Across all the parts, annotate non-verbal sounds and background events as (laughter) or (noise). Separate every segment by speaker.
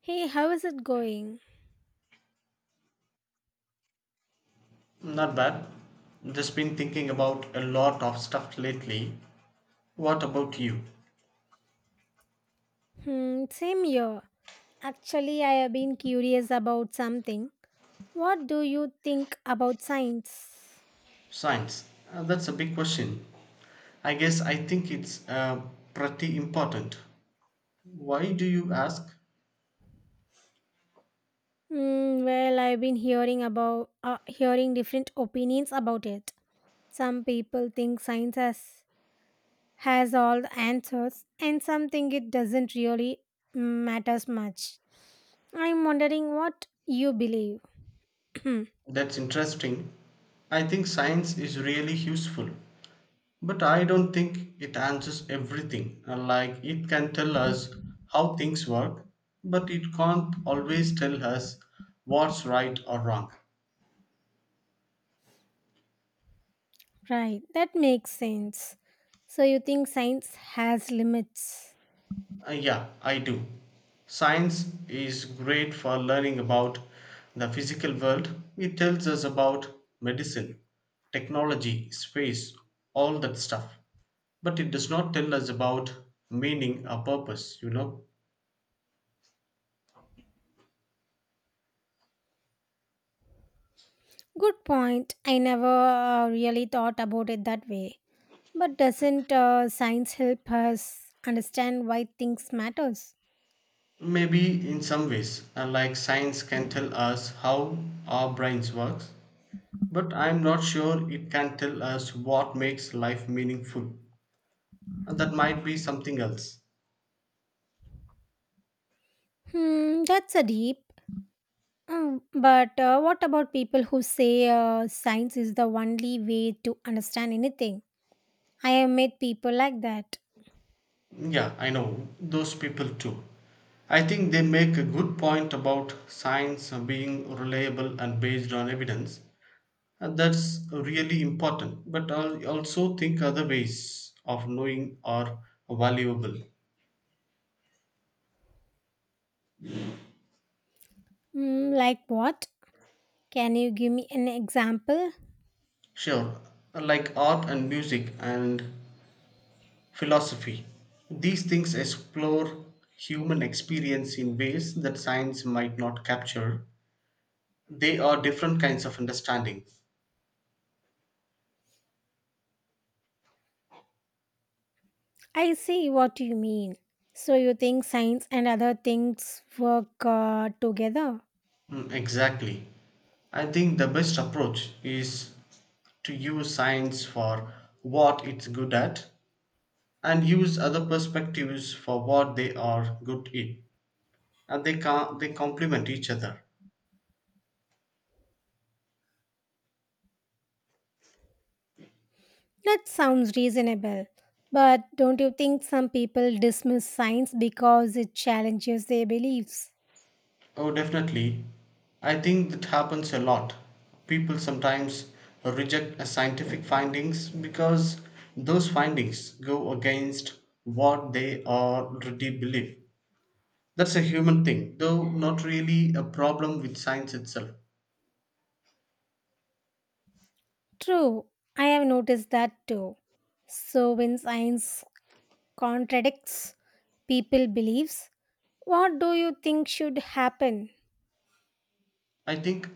Speaker 1: Hey, how is it going?
Speaker 2: Not bad. Just been thinking about a lot of stuff lately. What about you?
Speaker 1: Hmm, same here. Actually, I have been curious about something. What do you think about science?
Speaker 2: Science. That's a big question. I guess I think it's pretty important. Why do you ask?
Speaker 1: Hmm, well, I've been hearing about hearing different opinions about it. Some people think science has all the answers, and some think it doesn't really matters much. I'm wondering what you believe. (clears throat)
Speaker 2: That's interesting. I think science is really useful, but I don't think it answers everything. Like it can tell us how things work, but it can't always tell us what's right or wrong.
Speaker 1: Right, that makes sense. So you think science has limits?
Speaker 2: Yeah, I do. Science is great for learning about the physical world. It tells us about medicine, technology, space, all that stuff. But it does not tell us about meaning or purpose.
Speaker 1: Good point. I never really thought about it that way. But doesn't science help us understand why things matters?
Speaker 2: Maybe in some ways, like science can tell us how our brains works, but I'm not sure it can tell us what makes life meaningful. And that might be something else.
Speaker 1: Hmm, that's a deep. Mm, but what about people who say science is the only way to understand anything? I have met people like that.
Speaker 2: Yeah, I know those people too. I think they make a good point about science being reliable and based on evidence. And that's really important. But I also think other ways of knowing are valuable.
Speaker 1: Hmm, like what? Can you give me an example?
Speaker 2: Sure, like art and music and philosophy. These things explore human experience in ways that science might not capture. They are different kinds of understanding.
Speaker 1: I see what you mean. So you think science and other things work together?
Speaker 2: Mm, exactly. I think the best approach is to use science for what it's good at and use other perspectives for what they are good in. And they can they complement each other.
Speaker 1: That sounds reasonable, but don't you think some people dismiss science because it challenges their beliefs?
Speaker 2: Oh, definitely. I think that happens a lot. People sometimes reject a scientific findings because those findings go against what they already believe. That's a human thing, though not really a problem with science itself.
Speaker 1: True, I have noticed that too. So, when science contradicts people's beliefs, what do you think should happen?
Speaker 2: I think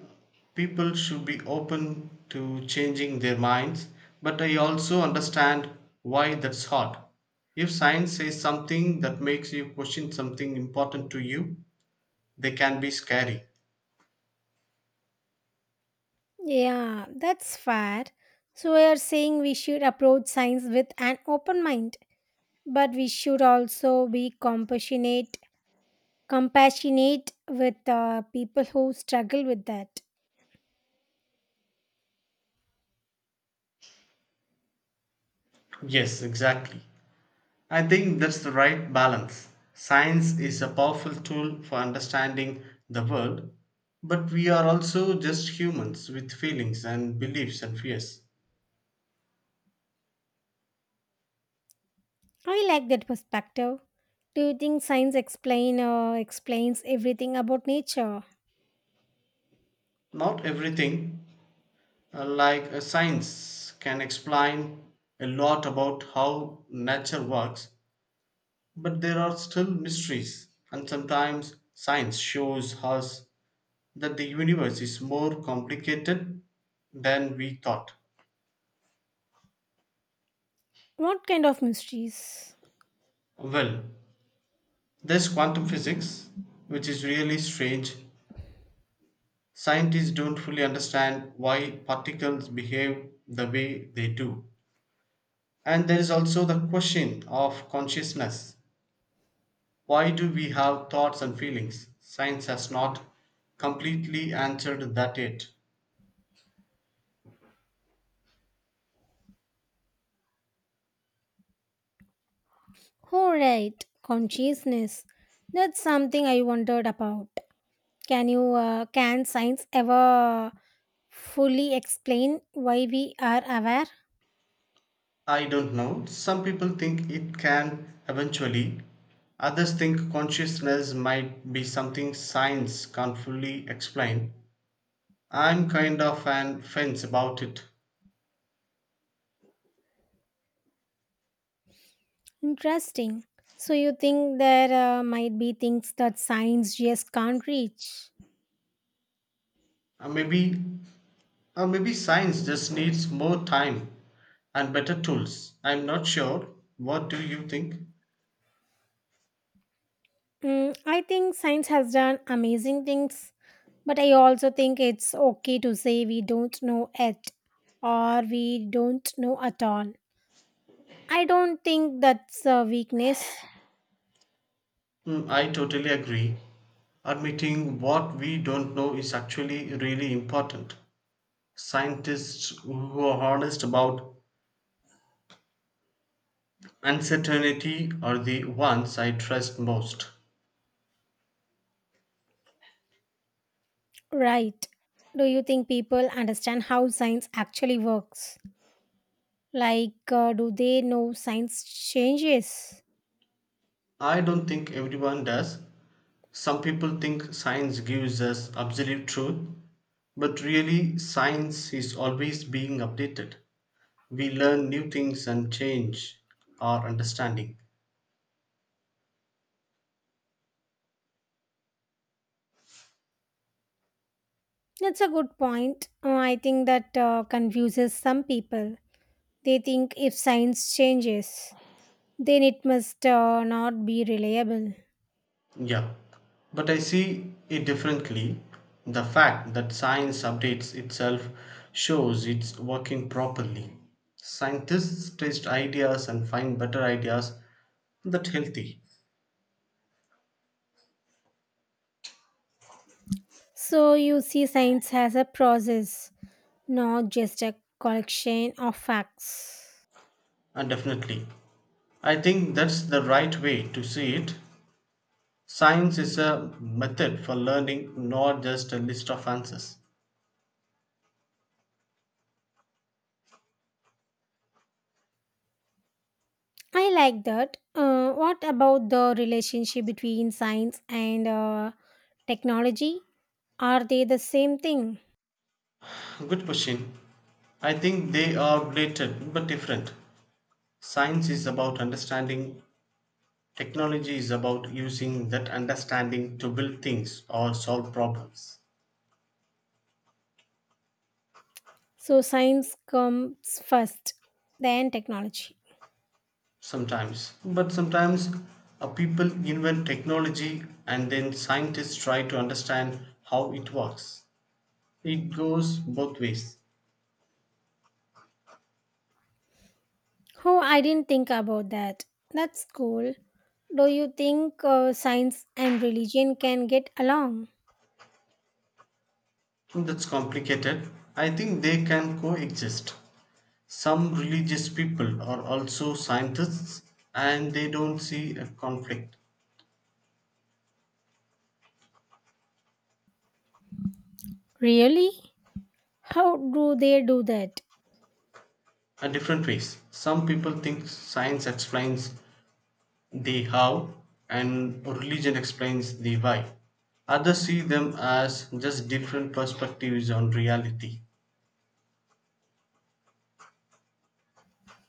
Speaker 2: people should be open to changing their minds, but I also understand why that's hard. If science says something that makes you question something important to you, they can be scary.
Speaker 1: Yeah, that's fair. So, we are saying we should approach science with an open mind, but we should also be compassionate with people who struggle with that.
Speaker 2: Yes, exactly. I think that's the right balance. Science is a powerful tool for understanding the world, but we are also just humans with feelings and beliefs and fears.
Speaker 1: I like that perspective. Do you think science explains everything about nature?
Speaker 2: Not everything, like a science, can explain a lot about how nature works, but there are still mysteries, and sometimes science shows us that the universe is more complicated than we thought.
Speaker 1: What kind of mysteries?
Speaker 2: Well, there's quantum physics, which is really strange. Scientists don't fully understand why particles behave the way they do. And there is also the question of consciousness. Why do we have thoughts and feelings? Science has not completely answered that yet.
Speaker 1: Oh, right, consciousness. That's something I wondered about. Can you can science ever fully explain why we are aware?
Speaker 2: I don't know. Some people think it can eventually. Others think consciousness might be something science can't fully explain. I'm kind of an fence about it.
Speaker 1: Interesting. So you think there might be things that science just can't reach?
Speaker 2: Maybe, maybe science just needs more time and better tools. I'm not sure. What do you think?
Speaker 1: Mm, I think science has done amazing things. But I also think it's okay to say we don't know it or we don't know at all. I don't think that's a weakness.
Speaker 2: Mm, I totally agree. Admitting what we don't know is actually really important. Scientists who are honest about uncertainty are the ones I trust most.
Speaker 1: Right. Do you think people understand how science actually works? Like, do they know science changes?
Speaker 2: I don't think everyone does. Some people think science gives us absolute truth, but really, science is always being updated. We learn new things and change our understanding.
Speaker 1: That's a good point. I think that confuses some people. They think if science changes, then it must not be reliable.
Speaker 2: Yeah, but I see it differently. The fact that science updates itself shows it's working properly. Scientists test ideas and find better ideas that healthy
Speaker 1: So, you see science has a process not just a collection of facts.
Speaker 2: and definitely. I think that's the right way to see it. Science is a method for learning, not just a list of answers.
Speaker 1: I like that. What about the relationship between science and technology? Are they the same thing?
Speaker 2: Good question. I think they are related but different. Science is about understanding. Technology is about using that understanding to build things or solve problems
Speaker 1: So, science comes first, then technology.
Speaker 2: sometimes. But sometimes people invent technology and then scientists try to understand how it works. It goes both ways.
Speaker 1: Oh, I didn't think about that. That's cool. Do you think science and religion can get along?
Speaker 2: That's complicated. I think they can coexist. Some religious people are also scientists and they don't see a conflict
Speaker 1: Really? How do they do that?
Speaker 2: in different ways. Some people think science explains the how and religion explains the why. Others see them as just different perspectives on reality.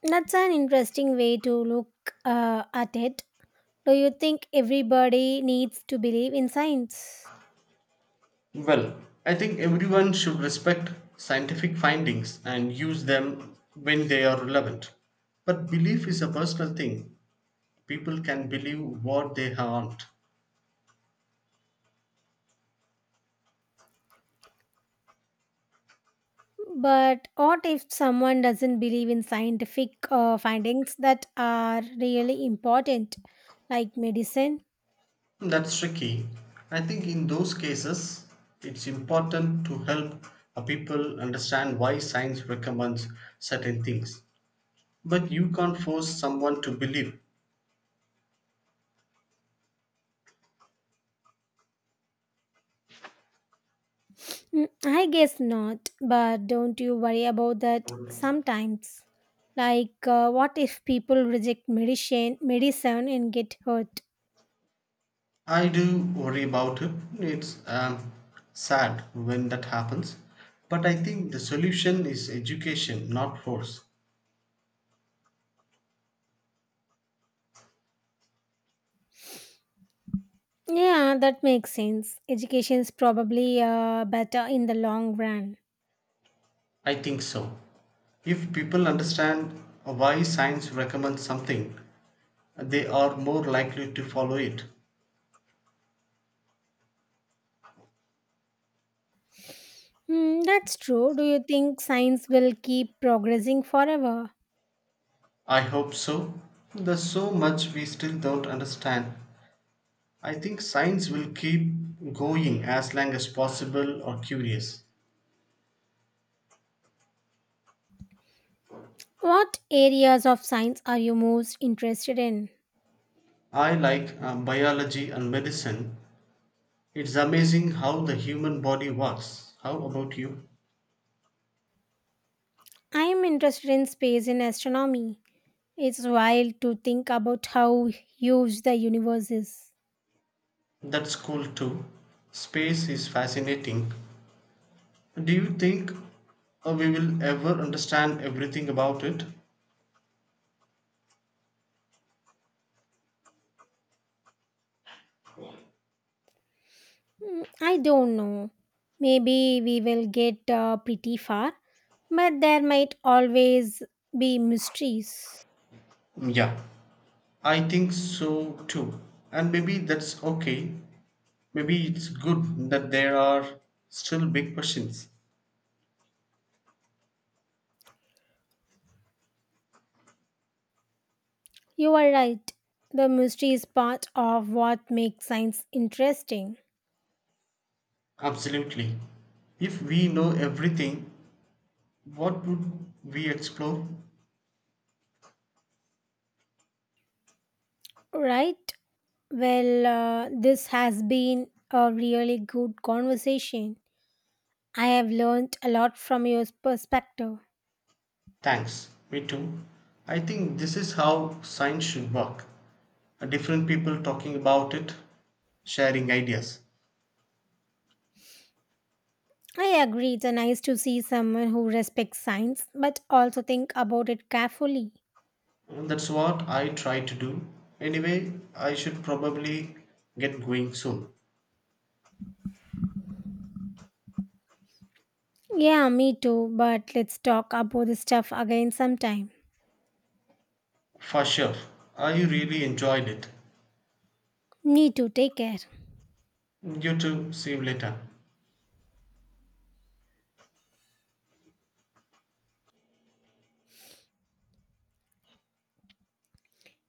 Speaker 1: That's an interesting way to look at it. Do you think everybody needs to believe in science?
Speaker 2: Well, I think everyone should respect scientific findings and use them when they are relevant. But belief is a personal thing. People can believe what they aren't.
Speaker 1: But what if someone doesn't believe in scientific findings that are really important, like medicine?
Speaker 2: That's tricky. I think in those cases, it's important to help people understand why science recommends certain things. But you can't force someone to believe.
Speaker 1: Mm, I guess not, but don't you worry about that sometimes? Like, what if people reject medicine and get hurt?
Speaker 2: I do worry about it. It's sad when that happens. But I think the solution is education, not force.
Speaker 1: Yeah, that makes sense. Education is probably better in the long run.
Speaker 2: I think so. If people understand why science recommends something, they are more likely to follow it.
Speaker 1: Hmm, that's true. Do you think science will keep progressing forever?
Speaker 2: I hope so. There's so much we still don't understand. I think science will keep going as long as possible or curious.
Speaker 1: What areas of science are you most interested in?
Speaker 2: I like biology and medicine. It's amazing how the human body works. How about you?
Speaker 1: I am interested in space and astronomy. It's wild to think about how huge the universe is.
Speaker 2: That's cool too. Space is fascinating. Do you think we will ever understand everything about it?
Speaker 1: Hmm, I don't know. Maybe we will get pretty far, but there might always be mysteries.
Speaker 2: Mm, yeah, I think so too. And maybe that's okay. Maybe it's good that there are still big questions.
Speaker 1: You are right. The mystery is part of what makes science interesting,
Speaker 2: Absolutely. If we know everything, what would we explore?
Speaker 1: right? Well, this has been a really good conversation. I have learned a lot from your perspective.
Speaker 2: Thanks. Me too. I think this is how science should work. Different people talking about it, sharing ideas.
Speaker 1: I agree, it's nice to see someone who respects science but also think about it carefully.
Speaker 2: And that's what I try to do. Anyway, I should probably get going soon.
Speaker 1: Yeah, me too, but let's talk about this stuff again sometime.
Speaker 2: For sure. I really enjoyed it.
Speaker 1: Me too, take care.
Speaker 2: You too. See you later.